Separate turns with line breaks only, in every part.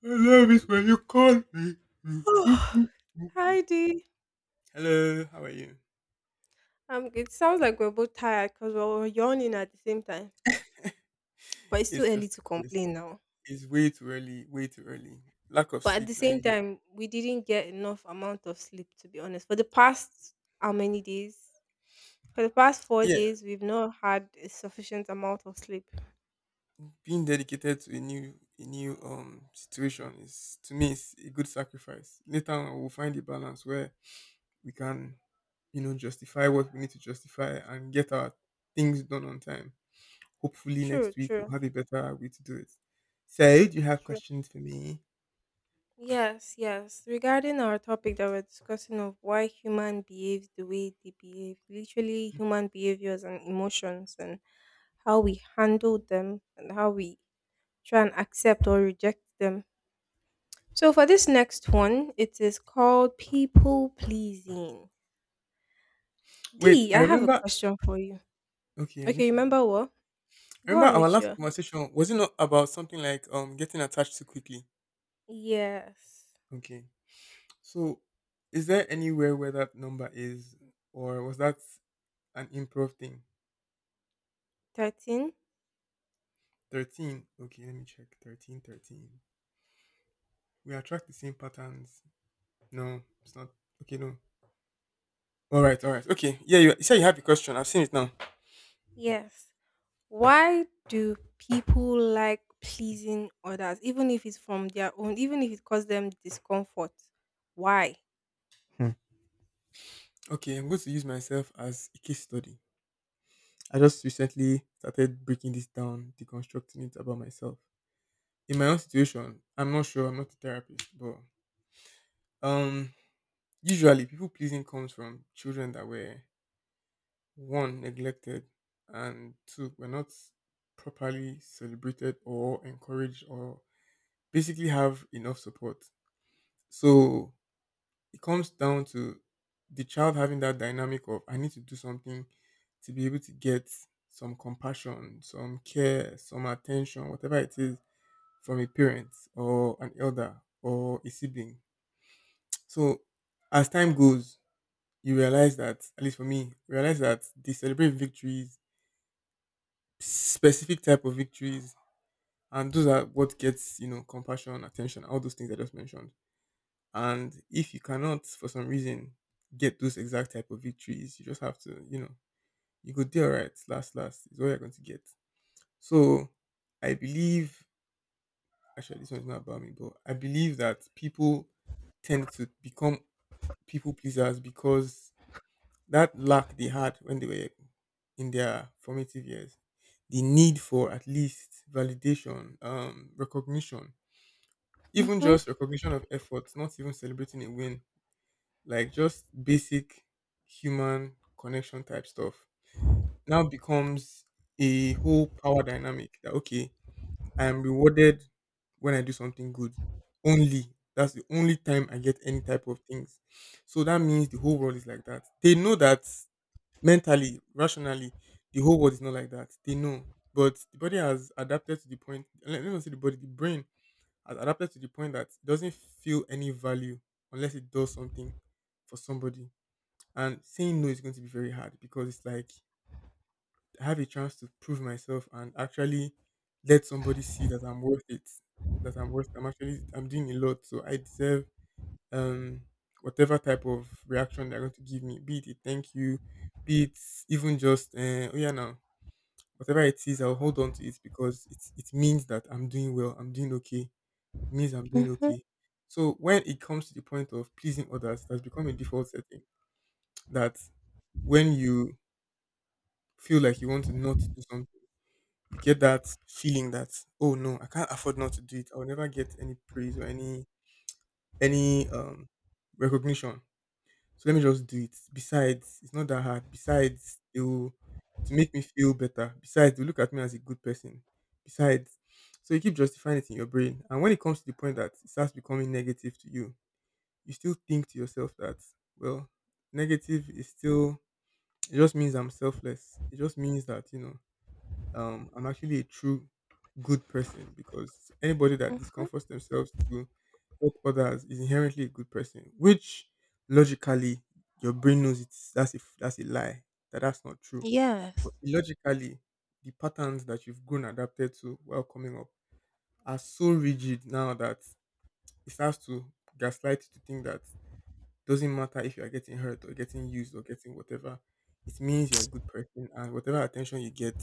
I love it when you call me.
Oh, hi, Dee.
Hello, how are you?
It sounds like we're both tired because we were yawning at the same time. But it's too
It's
early
just a
to
course.
complain now.
It's way too early, way too early. Lack of
But at
sleep
the
now.
same
But
time, we didn't get enough amount of sleep, to be honest. For the past how many days? For the past four
yeah,
days, we've not had a sufficient amount of sleep.
being dedicated to a new situation is to me is a good sacrifice. Later on we'll find a balance where we can justify what we need to justify and get our things done on time. Hopefully
True,
next week we'll
true,
have a better way to do it. So do you have
true.
questions for me?
Yes, yes. Regarding our topic that we're discussing of why human behaves the way they behave, literally human behaviors and emotions and how we handle them and how we try and accept or reject them. So for this next one, it is called people pleasing.
Wait,
D,
I
I have a
remember.
question for you.
Okay, I'm
Okay,
listening.
remember what? Go
Remember
on
our
with
last
your.
conversation, was it not about something like getting attached too quickly?
Yes.
Okay. So is there anywhere where that number is, or was that an improv thing?
13?
13. Okay, let me check. 13, 13. We attract the same patterns. No, it's not. Okay, no. All right, all right. Okay. Yeah, you said you have a question. I've seen it now.
Yes. Why do people like pleasing others, even if it's from their own, even if it causes them discomfort? Why?
Hmm. Okay, I'm going to use myself as a case study. I just recently started breaking this down, deconstructing it about myself. In my own situation, I'm not sure, I'm not a therapist, but Um, usually people pleasing comes from children that were, one, neglected, and two, were not properly celebrated or encouraged or basically have enough support. So it comes down to the child having that dynamic of, I need to do something to be able to get some compassion, some care, some attention, whatever it is, from a parent or an elder or a sibling. So as time goes, you realize that, at least for me, realize that they celebrate victories, specific type of victories, and those are what gets, compassion, attention, all those things I just mentioned. And if you cannot for some reason get those exact type of victories, you just have to, you go there. Right, last last is all you're going to get. So I believe, actually this one's not about me, but I believe that people tend to become people pleasers because that lack they had when they were in their formative years, the need for at least validation, recognition, even
Mm-hmm.
just recognition of effort, not even celebrating a win, like just basic human connection type stuff, now becomes a whole power dynamic that, okay, I am rewarded when I do something good only. That's the only time I get any type of things. So that means the whole world is like that. They know that mentally, rationally, the whole world is not like that. They know. But the body has adapted to the point, let me not say the body, the brain has adapted to the point that it doesn't feel any value unless it does something for somebody. And saying no is going to be very hard, because it's like I have a chance to prove myself and actually let somebody see that I'm worth it, that I'm worth, I'm actually, I'm doing a lot. So I deserve, um, whatever type of reaction they're going to give me, be it a thank you, be it even just, oh yeah, now, whatever it is, I'll hold on to it because it means that I'm doing well, I'm doing okay, it means I'm doing
Mm-hmm.
okay. So when it comes to the point of pleasing others, it has become a default setting that when you feel like you want to not do something, you get that feeling that, oh no, I can't afford not to do it. I'll never get any praise or any recognition. So let me just do it. Besides, it's not that hard. Besides, it will make me feel better. Besides, they look at me as a good person. Besides, so you keep justifying it in your brain. And when it comes to the point that it starts becoming negative to you, you still think to yourself that, well, negative is still, it just means I'm selfless. It just means that, you know, I'm actually a true good person, because anybody that
Mm-hmm.
discomforts themselves to help others is inherently a good person, which logically your brain knows, it's that's a f- that's a lie, that that's not true.
Yes.
But logically, the patterns that you've grown adapted to while coming up are so rigid now that it starts to gaslight you to think that, doesn't matter if you are getting hurt or getting used or getting whatever. It means you're a good person, and whatever attention you get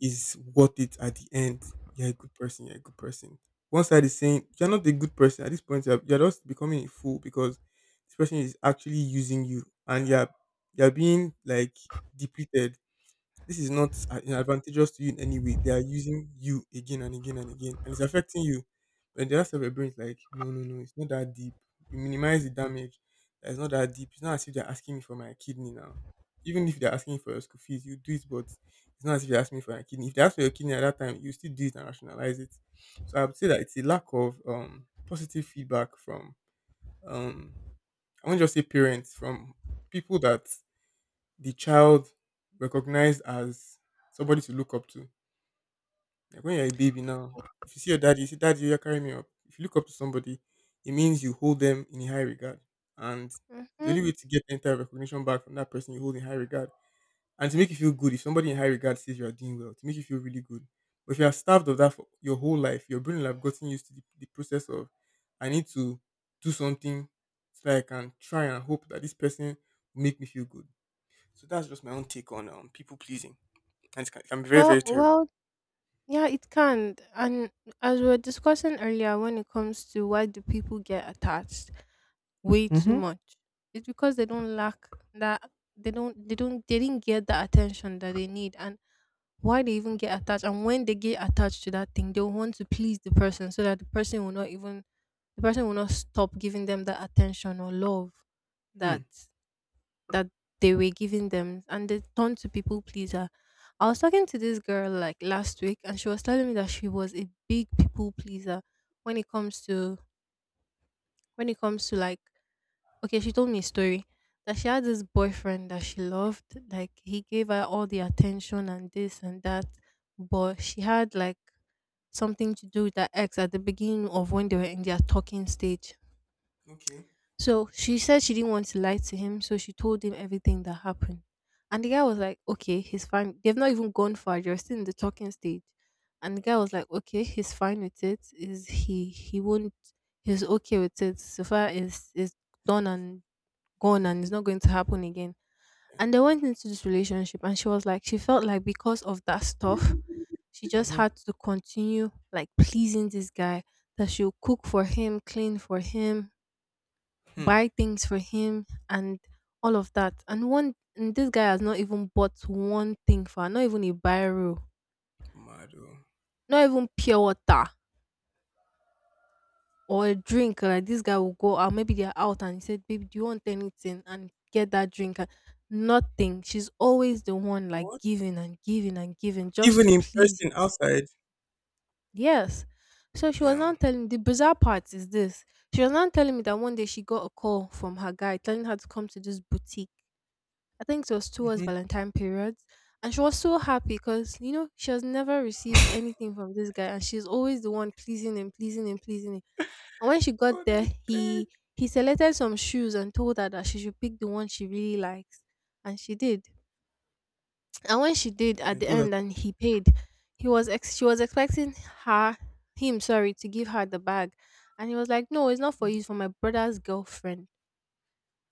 is worth it at the end. You're a good person. You're a good person. One side is saying you're not a good person at this point. You're just becoming a fool because this person is actually using you, and you're being like depleted. This is not advantageous to you in any way. They are using you again and again and again, and it's affecting you. But the rest of your brain is like, no, no, no, it's not that deep. You minimize the damage. It's not that deep. It's not as if they're asking me for my kidney now. Even if they're asking for your school fees, you do it, but it's not as if they're asking me for your kidney. If they ask for your kidney at that time, you still do it and rationalize it. So I would say that it's a lack of, positive feedback from, um, I won't just say parents, from people that the child recognized as somebody to look up to. Like when you're a baby now, if you see your daddy, you say, Daddy, you're carrying me up. If you look up to somebody, it means you hold them in high regard. And the
Mm-hmm.
only way to get any type of recognition back from that person you hold in high regard, and to make you feel good, if somebody in high regard says you are doing well, to make you feel really good. But if you are starved of that for your whole life, your brain will have gotten used to the process of, I need to do something so that I can try and hope that this person will make me feel good. So that's just my own take on people pleasing, and it can be very, very
Well,
terrible.
well yeah, it can. And as we were discussing earlier, when it comes to why do people get attached way too
Hmm.
much, it's because they don't lack that they didn't get the attention that they need, and why they even get attached, and when they get attached to that thing, they want to please the person so that the person will not stop giving them the attention or love
Hmm.
that that they were giving them, and they turned to people pleaser. I was talking to this girl like last week, and she was telling me that she was a big people pleaser when it comes to when it comes to, like, okay, she told me a story that she had this boyfriend that she loved, like he gave her all the attention and this and that, but she had like something to do with her ex at the beginning of when they were in their talking stage.
Okay.
So she said she didn't want to lie to him, so she told him everything that happened. And the guy was like, okay, he's fine. They've not even gone far, they're still in the talking stage. And the guy was
Okay.
like, okay, he's fine with it. Is he won't He's okay with it. So far is done and gone, and it's not going to happen again.
Yeah.
And they went into this relationship, and she was like she felt like because of that stuff, she just
Mm-hmm.
had to continue like pleasing this guy, that she'll cook for him, clean for him,
Hmm.
buy things for him and all of that. And this guy has not even bought one thing for her, not even a biro,
Mad. Oh.
not even pure water or a drink. Like this guy will go out, maybe they're out and he said, "Baby, do you want anything?" And get that drink and nothing. She's always the one like
What?
giving and giving and giving just
Even
to
in
please him.
person outside.
Yes. So she was
Damn.
not telling The bizarre part is this. She was not telling me that one day she got a call from her guy telling her to come to this boutique. I think it was towards
Mm-hmm.
Valentine periods. And she was so happy because, she has never received anything from this guy, and she's always the one pleasing him, pleasing him, pleasing him. And when she got
God, I
there,
beg.
he selected some shoes and told her that she should pick the one she really likes. And she did. And when she did
I
at the
do that.
end and he paid, she was expecting her him, sorry, to give her the bag. And he was like, "No, it's not for
Mm-hmm.
you, it's for my brother's girlfriend."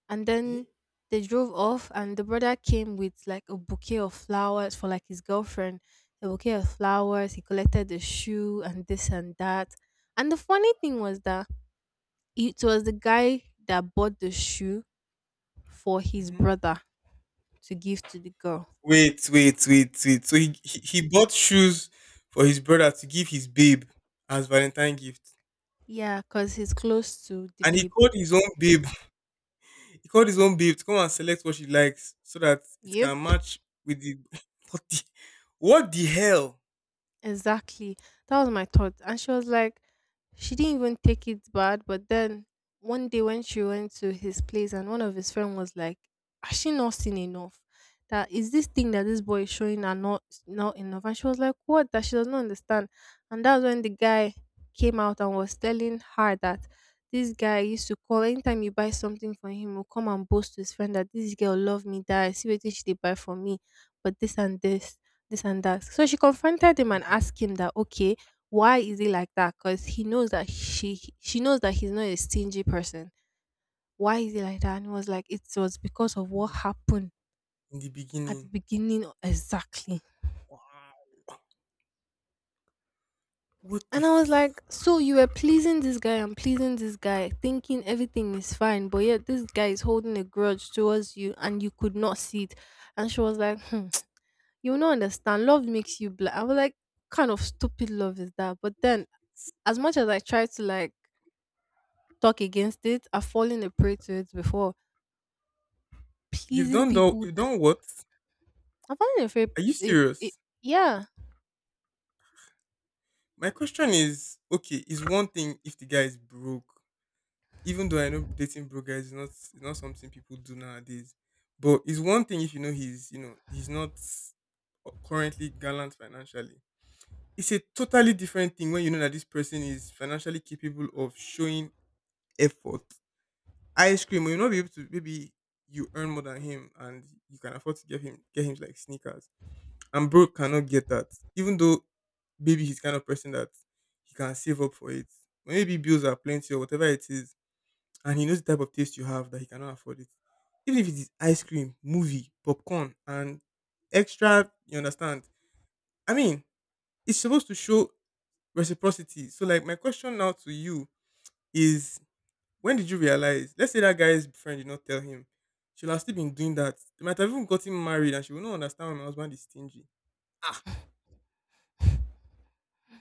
And then
Eh?
they drove off, and the brother came with like a bouquet of flowers for like his girlfriend, a bouquet of flowers. He collected the shoe and this and that. And the funny thing was that it was the guy that bought the shoe for his
Mm-hmm.
brother to give to the girl,
Wait, wait, wait, wait. So he bought shoes for his brother to give his babe as Valentine gift,
yeah, because he's close to the
and he
babe.
called his own babe. He called his own babe to come and select what she likes so that it
Yep.
can match with the, what the, hell.
Exactly. That was my thought. And she was like, she didn't even take it bad. But then one day when she went to his place and one of his friends was like, "Has she not seen enough? That is this thing that this boy is showing her, not enough." And she was like, "What?" That she does not understand. And that's when the guy came out and was telling her that this guy used to call anytime you buy something for him, will come and boast to his friend that this girl love me, that I see what she did buy for me, but this and that. So she confronted him and asked him that, okay, why is he like that? Because he knows that she knows that he's not a stingy person. Why is he like that? And he was like, it was because of what happened
In the
at the
beginning.
beginning exactly.
Wow. What the
And I was
f-.
like, so you were pleasing this guy and pleasing this guy, thinking everything is fine, but yet this guy is holding a grudge towards you, and you could not see it. And she was like, hmm, you will not understand. Love makes you blind. I was like, kind of stupid love is that? But then, as much as I tried to like talk against it. I've fallen a prey to it before.
You've
Pleasing
done, though,
people.
you've done what?
I've fallen a prey.
Are you
It, it,
serious?
yeah.
My question is, okay, is one thing if the guy is broke. Even though I know dating broke guys is not, is not something people do nowadays. But it's one thing if you know he's, he's not currently gallant financially. It's a totally different thing when you know that this person is financially capable of showing effort. Ice cream, you'll not be able to, maybe you earn more than him, and you can afford to give him get him like sneakers. And bro cannot get that. Even though maybe he's kind of person that he can save up for it. Or maybe bills are plenty or whatever it is, and he knows the type of taste you have that he cannot afford it. Even if it is ice cream, movie, popcorn, and extra, you understand? I mean, it's supposed to show reciprocity. So like my question now to you is, when did you realize, let's say that guy's friend did not tell him, she'll have still been doing that. They might have even gotten married and she will not understand why my husband is stingy. Ah,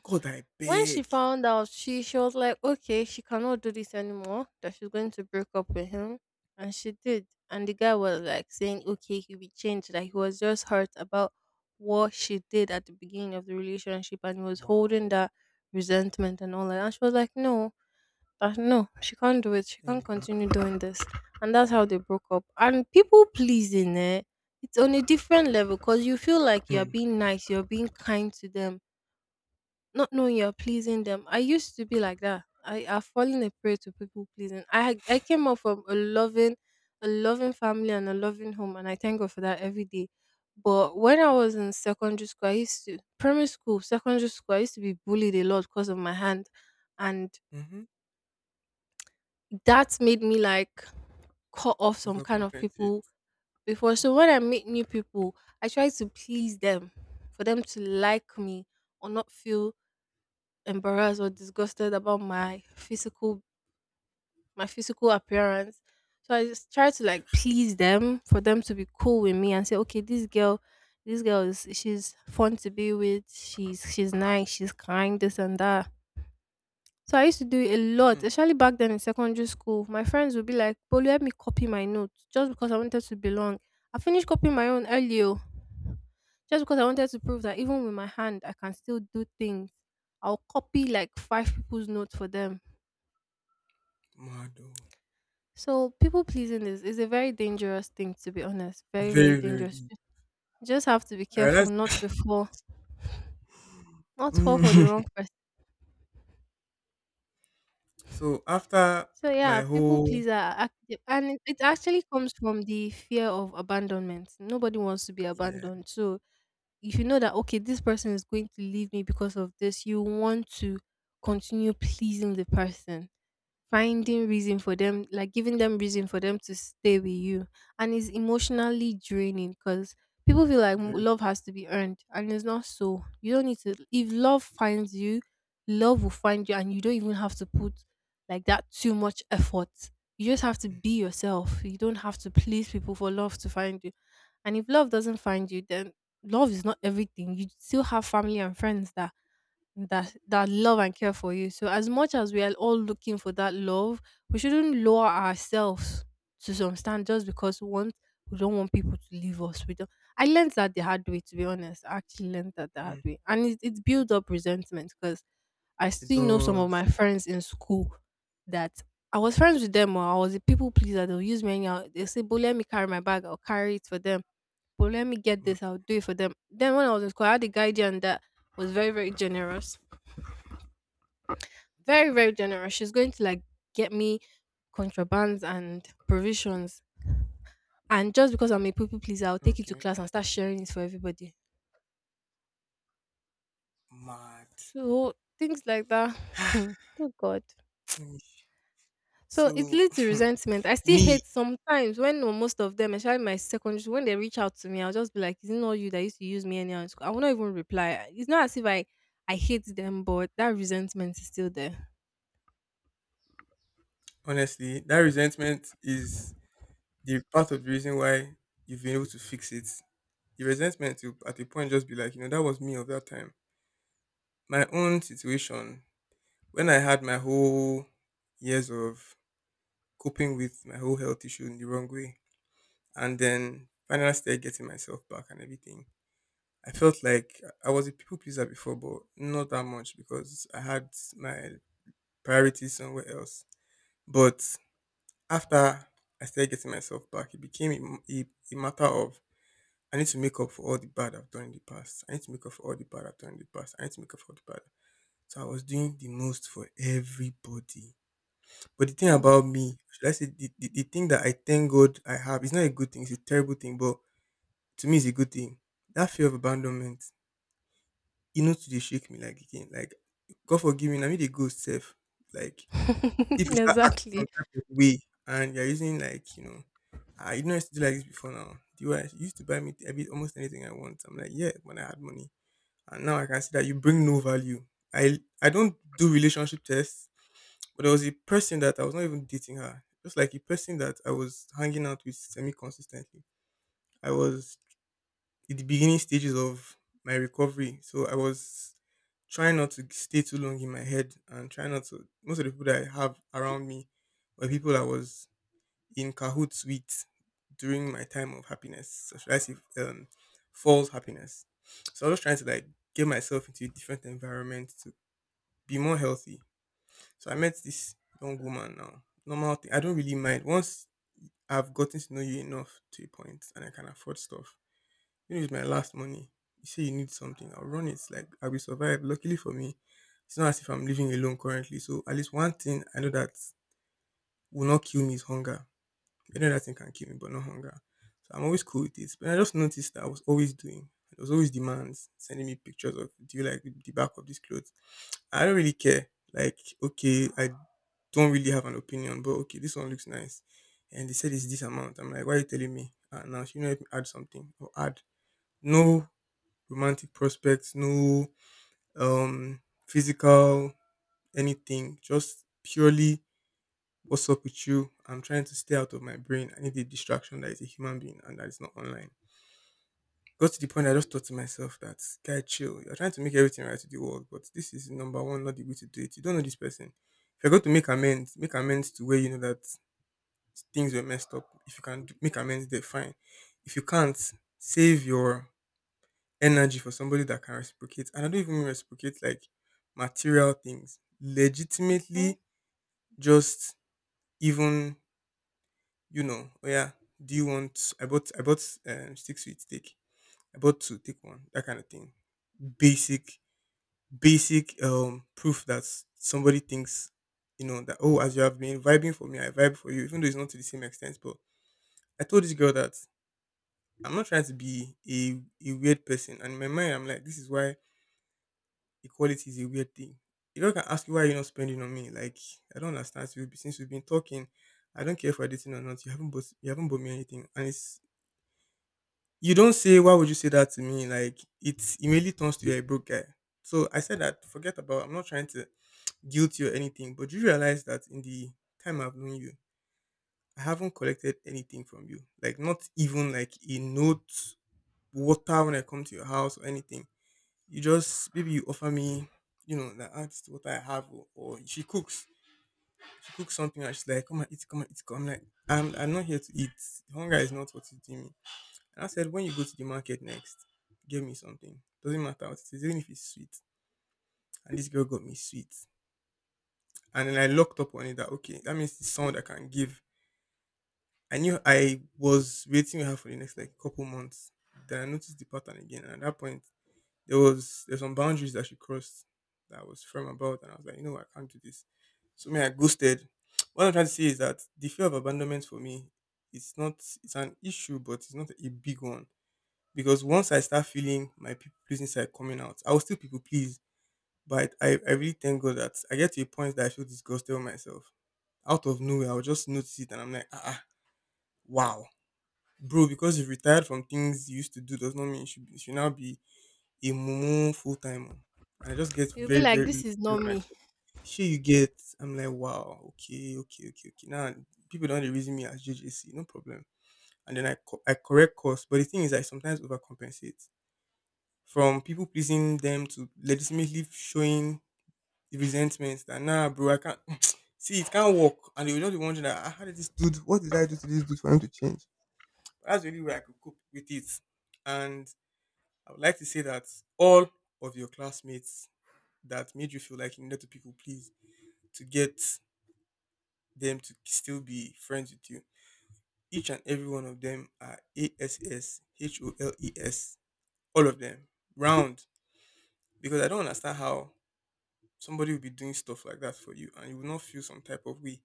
God, I
When she
beg.
found out, she was like, okay, she cannot do this anymore, that she's going to break up with him. And she did. And the guy was like saying, okay, he'll be changed. Like he was just hurt about what she did at the beginning of the relationship, and he was holding
Wow.
that resentment and all that. And she was like, no, no, she can't do it. She can't
Thank God.
continue doing this. And that's how they broke up. And people pleasing, eh, it's on a different level because you feel like you're
Hmm.
being nice, you're being kind to them, not knowing you're pleasing them. I used to be like that. I've fallen a prey to people pleasing. I came up from a loving, family and a loving home, and I thank God for that every day. But when I was in secondary school, I used to primary school, secondary school, I used to be bullied a lot because of my hand, and
Mm-hmm.
that made me like cut off some kind of people
Overcompensate.
before. So when
Okay.
I meet new people, I try to please them for them to like me or not feel embarrassed or disgusted about my physical appearance. So I just try to like please them for them to be cool with me and say, okay, this girl is she's fun to be with. She's nice. She's kind. This and that. So I used to do it a lot,
Hmm.
especially back then in secondary school. My friends would be like, "Bolu, help me copy my notes," just because I wanted to belong. I finished copying my own earlier just because I wanted to prove that even with my hand, I can still do things. I'll copy like five people's notes for them.
Mad, oh.
So people pleasing is a very dangerous thing, to be honest. Very, very
Very, very
dangerous.
deep.
You just have to be
I
careful
realized.
not to fall. Not fall for the
Mm.
wrong.
So after
So yeah,
my
people
whole,
pleaser are active, and it actually comes from the fear of abandonment. Nobody wants to be
yeah,
abandoned. So if you know that okay, this person is going to leave me because of this, you want to continue pleasing the person, finding reason for them, like giving them reason for them to stay with you, and it's emotionally draining because people feel like
very.
love has to be earned, and it's not. So you don't need to, if love finds you, love will find you, and you don't even have to put like that too much effort. You just have to be yourself. You don't have to please people for love to find you. And if love doesn't find you, then love is not everything. You still have family and friends that love and care for you. So as much as we are all looking for that love, we shouldn't lower ourselves to some stand just because we don't want people to leave us. We don't. I learned that the hard way. To be honest, I actually learned that the hard
Mm,
way, and it built up resentment because I
it
still know some of
does.
my friends in school that. I was friends with them, or I was a people pleaser. They'll use me anyhow. They say, "But let me carry my bag. I'll carry it for them. But let me get
Ma-.
this. I'll do it for them." Then when I was in school, I had a guardian that was very, very generous, she's going to like get me contrabands and provisions. And just because I'm a people pleaser, I'll take it to
Okay,
class and start sharing it for everybody.
mad.
So things like that. Oh God.
Let me-.
So it
So,
leads to resentment. I still
me,
hate sometimes when, or most of them, especially my secondary school, when they reach out to me, I'll just be like, is it not you that used to use me anyhow in school? I will not even reply. It's not as if I hate them, but that resentment is still there.
honestly, that resentment is the part of the reason why you've been able to fix it. The resentment will, at a point, just be like, that was me of that time. My own situation, when I had my whole years of coping with my whole health issue in the wrong way, and then finally started getting myself back and everything. I felt like I was a people pleaser before, but not that much because I had my priorities somewhere else. But after I started getting myself back, it became a matter of, I need to make up for all the bad I've done in the past. I need to make up for all the bad I've done in the past. I need to make up for all the bad. So I was doing the most for everybody. But the thing
Hmm.
about me, should I say, the thing that I thank God I have, it's not a good thing, it's a terrible thing, but to me, it's a good thing. That fear of abandonment, you know, to dey shake me like again. Like God forgive me, na me dey ghost sef. Like if you start acting some
Exactly.
type of way and you're using like, you know, "Ah, you know I didn't used to do like this before now. Do what? You used to buy me every almost anything I want." I'm like, "Yeah, when I had money." And now I can see that you bring no value. I don't do relationship tests, but there was a person that I was not even dating her. Just like a person that I was hanging out with semi consistently. I was in the beginning stages of my recovery. So I was trying not to stay too long in my head and trying not to. Most of the people that I have around me were people I was in cahoots with during my time of happiness. So should I say false happiness? So I was trying to like get myself into a different environment to be more healthy. So I met this young woman now. Normal thing. I don't really mind. Once I've gotten to know you enough to a point and I can afford stuff, you know, it's my last money. You say you need something, I'll run it. Like I will survive. Luckily for me, it's not as if I'm living alone currently. So at least one thing I know that will not kill me is hunger. I know that thing can kill me, but not hunger. So I'm always cool with it. But I just noticed that I was always doing. There was always demands, sending me pictures of do you like the back of this clothes? I don't really care. Like, okay, I don't really have an opinion, but okay, this one looks nice. And they said it's this amount. I'm like, why are you telling me? And now she know help me add something or add no romantic prospects, no um physical anything, just purely what's up with you. I'm trying to stay out of my brain. I need a distraction that is a human being and that is not online. Got to the point I just thought to myself that guy chill, you're trying to make everything right to the world, but this is number one, not the way to do it. You don't know this person. If you're going to make amends to where you know that things were messed up. If you can do, make amends there, fine. If you can't, save your energy for somebody that can reciprocate. And I don't even mean reciprocate like material things.
Hmm.
Legitimately, just even you know, oh yeah, do you want? I bought six sweet steak. I bought two, take one. That kind of thing. Basic, basic proof that s- somebody thinks you know that oh, as you have been vibing for me, I vibe for you, even though it's not to the same extent. But I told this girl that I'm not trying to be a weird person, and in my mind, I'm like, this is why equality is a weird thing. The girl can ask you why you're not spending on me. Like I don't understand. So we've- been- Since we've been talking, I don't care if we're dating or not. You haven't bought me anything, and it's you don't say why would you say that to me? Like it immediately turns to you're a broke guy. So I said that forget about. I'm not trying to guilt you or anything, but you realize that in the time I've known you, I haven't collected anything from you. Like not even like a note, water when I come to your house or anything you just maybe you offer me, you know, that asks what I have, or she cooks something, and she's like, "Come and eat, come and eat." Come, I'm like, I'm not here to eat. Hunger is not what is doing me. And I said, when you go to the market next, give me something. Doesn't matter what it is, even if it's sweet. And this girl got me sweet, and then I locked up on it that okay, that means it's someone that can give. I knew I was waiting with her for the next like couple months. Then I noticed the pattern again, and at that point, there's some boundaries that she crossed that I was firm about, and I was like, you know, what, I can't do this. So me, I ghosted. What I'm trying to say is that the fear of abandonment for me, it's not it's an issue, but it's not a big one because once I start feeling my people pleasing side coming out, I will still people please, but I really thank God that I get to a point that I feel disgusted with myself. Out of nowhere, I'll just notice it, and I'm like, ah, ah, wow, bro, because you've retired from things you used to do does not mean you should now be a mumu full time. And I just get
You'll be
very, very
like, this
irritated
is
with
not me.
myself. Sure you get I'm like, wow, okay, okay, okay, okay. Now people don't really reason me as JJC, no problem. And then I co- I correct course. But the thing is I sometimes overcompensate. From people pleasing them to legitimately showing the resentments that nah bro, I can't see it can't work. And they will just be wondering that "Ah, how did this dude what did I do to this dude for him to change? That's really where I could cope with it. And I would like to say that all of your classmates that made you feel like you needed to people please to get them to still be friends with you. Each and every one of them are assholes. All of them. Round. Because I don't understand how somebody will be doing stuff like that for you and you will not feel some type of way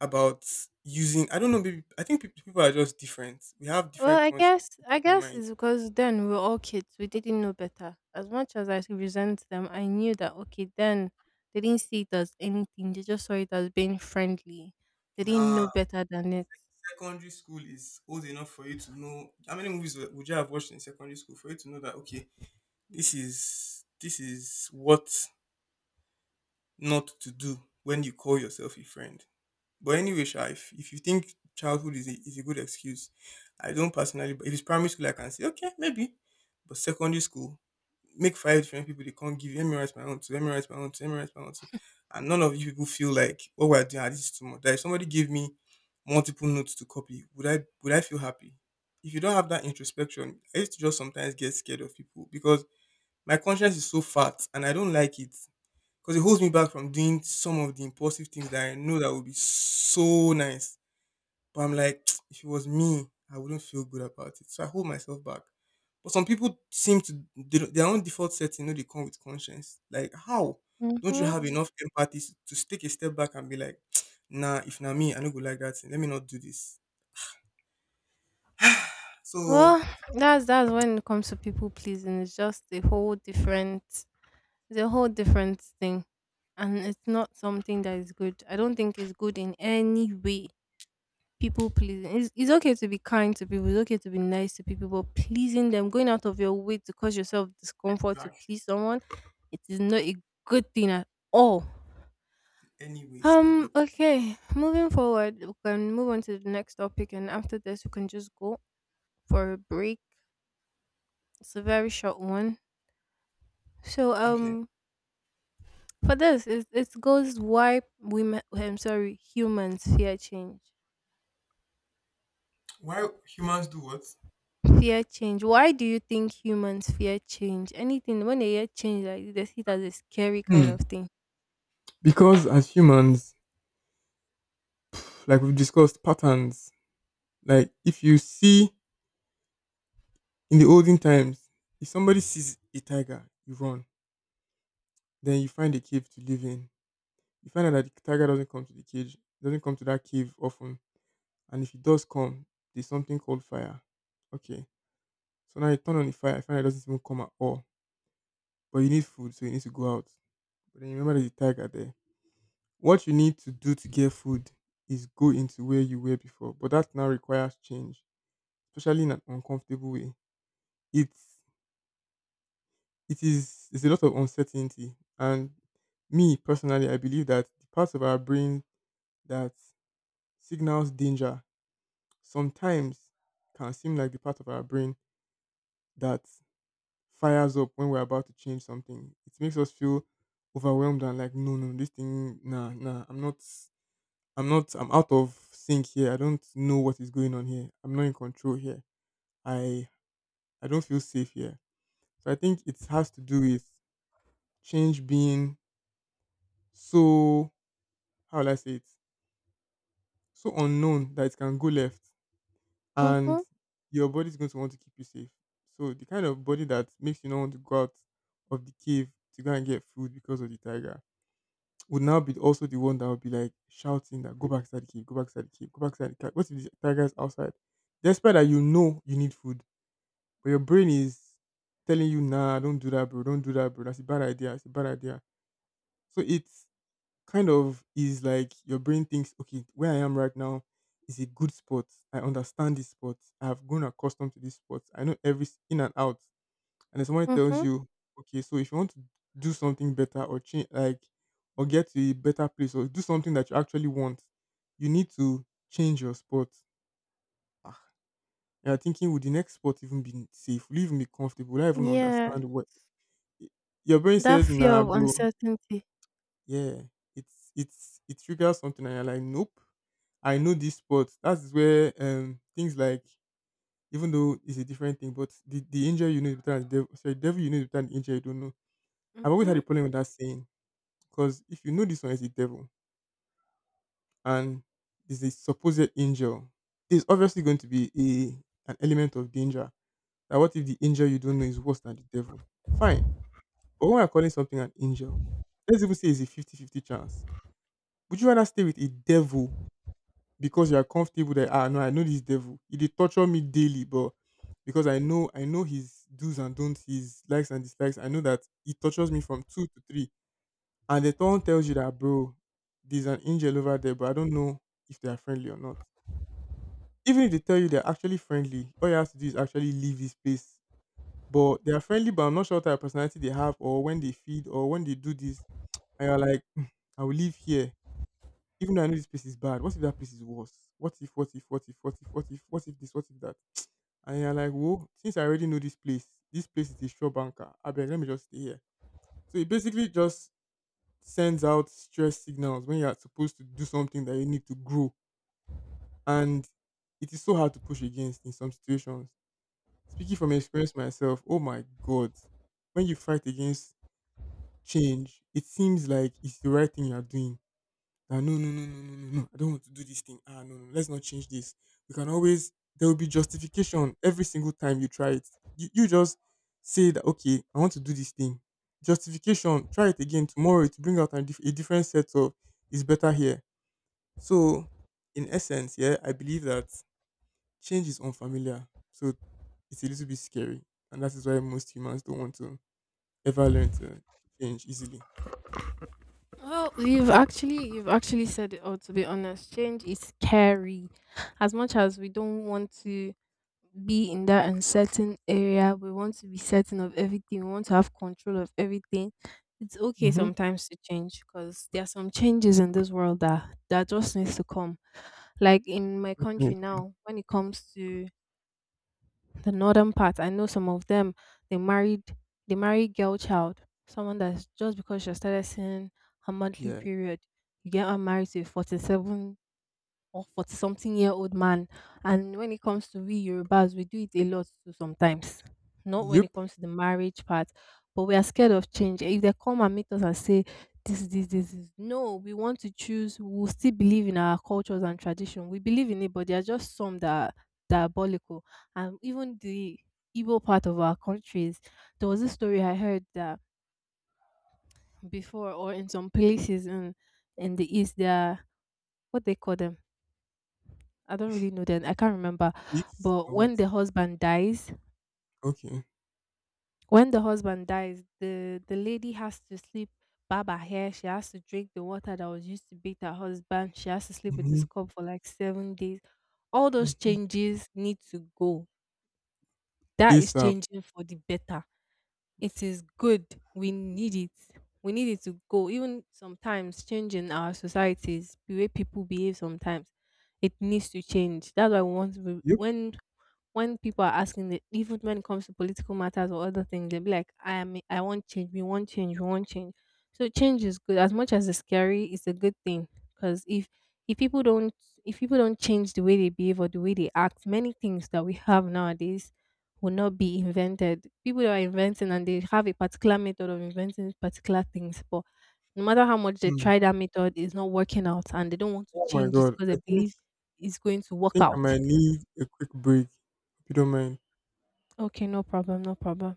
about using I don't know, maybe I think peop- people are just different. We have
Well,
different
I
conscience,
guess I
different
guess
mind.
it's because then we were all kids. We didn't know better. As much as I resent them, I knew that okay, then they didn't see it as anything. They just saw it as being friendly. They didn't
Nah,
know better than it.
secondary school is old enough for you to know how many movies would you have watched in secondary school for you to know that okay, this is what not to do when you call yourself a friend. But anyway, Sha, if you think childhood is a good excuse, I don't personally. But if it's primary school, I can say okay, maybe. But secondary school, make five different people they can't give. You, let me write my own too. Let me write my own too. Let me write my own too. And none of you people feel like what we're doing. Ah, this is too much. Like if somebody gave me multiple notes to copy, would I feel happy? If you don't have that introspection, I used to just sometimes get scared of people because my conscience is so fat and I don't like it because it holds me back from doing some of the impulsive things that I know that would be so nice. But I'm like, if it was me, I wouldn't feel good about it. So I hold myself back. But some people seem to they don't- their own default setting, you know, they come with conscience. Like, how don't you
Mm-hmm.
have mm, enough empathy s- to take a step back and be like, nah, if not me, I don't go like that. Let me not do this. So,
Well, that's when it comes to people pleasing. It's just a whole different, it's a whole different thing, and it's not something that is good. I don't think it's good in any way. People pleasing. It's okay to be kind to people. It's okay to be nice to people, but pleasing them, going out of your way to cause yourself discomfort to
like,
please someone, it is not a good thing at all.
anyway, it's not a good thing.
Okay. Moving forward, we can move on to the next topic, and after this, we can just go for a break. It's a very short one. So,
Okay.
for this, it goes why women. I'm sorry, humans fear change.
Why humans do what?
Fear change. Why do you think humans fear change? Anything when they hear change, like this, they see it as a scary kind
Hmm.
of thing.
Because as humans, like we've discussed, patterns. Like if you see in the olden times, if somebody sees a tiger, you run. Then you find a cave to live in. You find out that the tiger doesn't come to the cage, doesn't come to that cave often. And if it does come, there's something called fire. Okay. So now you turn on the fire, I find out it doesn't even come at all. But you need food, so you need to go out. But then you remember there's a tiger there. What you need to do to get food is go into where you were before. But that now requires change, especially in an uncomfortable way. It's it is it's a lot of uncertainty. And me personally, I believe that the parts of our brain that signals danger sometimes can seem like the part of our brain that fires up when we're about to change something. It makes us feel overwhelmed and like, no, no, this thing, nah, nah, I'm not, I'm not, I'm out of sync here. I don't know what is going on here. I'm not in control here. I, I don't feel safe here. So I think it has to do with change being so, how will I say it? So unknown that it can go left, and
Mhm.
your body's going to want to keep you safe. So the kind of body that makes you not want to go out of the cave to go and get food because of the tiger would now be also the one that would be like shouting that go back inside the cave, go back inside the cave, go back inside the cave. What if the tiger's outside? Despite that you know you need food, but your brain is telling you, nah, don't do that, bro, don't do that, bro. That's a bad idea. It's a bad idea. So it's kind of is like your brain thinks, okay, where I am right now is a good spot. I understand this spot. I have grown accustomed to this spot. I know every in and out. And then someone tells
Mhm.
you, okay, so if you want to do something better or change, like, or get to a better place or do something that you actually want, you need to change your spot. Ah, you're thinking, would the next spot even be safe? Will you even be comfortable? Will I even
Yeah,
understand what eh, your brain
that
says?
fear
Nah,
of
bro.
uncertainty.
Yeah, it triggers something, and you're like, nope, I know this spot. That's where things like, even though it's a different thing, but the angel you know is better than the devil. Sorry, devil you know is better than the angel you don't know. I've always had
Mhm.
a problem with that saying because if you know this one is the devil and is a supposed angel, there's obviously going to be a an element of danger. Now, what if the angel you don't know is worse than the devil? Fine, but when we're calling something an angel, let's even say it's a fifty-fifty chance. Would you rather stay with a devil because you are comfortable that, ah no, I know this devil. He did torture me daily, but because I know his do's and don'ts, his likes and dislikes, I know that he tortures me from two to three. And the thorn tells you that, bro, there's an angel over there, but I don't know if they are friendly or not. Even if they tell you they're actually friendly, all you have to do is actually leave this place. But they are friendly, but I'm not sure what type of personality they have or when they feed or when they do this. And you're like, "Hmm, I will live here even though I know this place is bad, what if that place is worse? What if, what if, what if, what if, what if, what if this, what if that?" And you're like, whoa, since I already know this place is a sure banker. I beg, let me just stay here. So it basically just sends out stress signals when you're supposed to do something that you need to grow. And it is so hard to push against in some situations. Speaking from experience myself, oh my God, when you fight against change, it seems like it's the right thing you're doing, that no, no, no, no, no, no, no, I don't want to do this thing. Ah, no, no, let's not change this. We can always, there will be justification every single time you try it. You just say that, okay, I want to do this thing. Justification. Try it again tomorrow to bring out a different set of is better here. So, in essence, yeah, I believe that change is unfamiliar. So it's a little bit scary, and that is why most humans don't want to ever learn to change easily.
Well, you've actually said it all. To be honest, change is scary. As much as we don't want to be in that uncertain area. We want to be certain of everything. We want to have control of everything. It's okay
Mm-hmm.
sometimes to change because there are some changes in this world that just needs to come. Like in my country now, when it comes to the northern part, I know some of them they married they married girl child, someone that's just because she started seeing her monthly
Yeah.
period, you get her married to a 47 or 40 something year old man. And when it comes to we Yorubas, we do it a lot too sometimes. Not when it
Yep.
comes to the marriage part, but we are scared of change. If they come and meet us and say, this, this, this, this. No, we want to choose. We will still believe in our cultures and tradition. We believe in it, but there are just some that are diabolical. And even the Igbo part of our countries, there was a story I heard that before, or in some places in the east, there are what they call them, I don't really know then. I can't remember.
Chiefs
But
or what?
when the husband dies,
Okay.
the lady has to sleep Baba her hair. She has to drink the water that was used to beat her husband. She has to sleep with his
Mhm,
cup for like 7 days. All those
mhm.
changes need to go. That is
ASAP.
changing for the better. It is good. We need it. We need it to go. Even sometimes changing our societies, the way people behave sometimes it needs to change. That's why we want to,
Yep.
when people are asking the even when it comes to political matters or other things, they'll be like, I want change, we want change, we want change. So change is good. As much as it's scary, it's a good thing. Because if if people don't if people don't change the way they behave or the way they act, many things that we have nowadays will not be invented. People are inventing and they have a particular method of inventing particular things, but no matter how much they
Mm.
try that method, it's not working out and they don't want to
Oh my
change it
God.
because
I
they
think
believe it's going to
I
work
think I
out.
might need a quick break. If you don't mind.
Okay, no problem, no problem.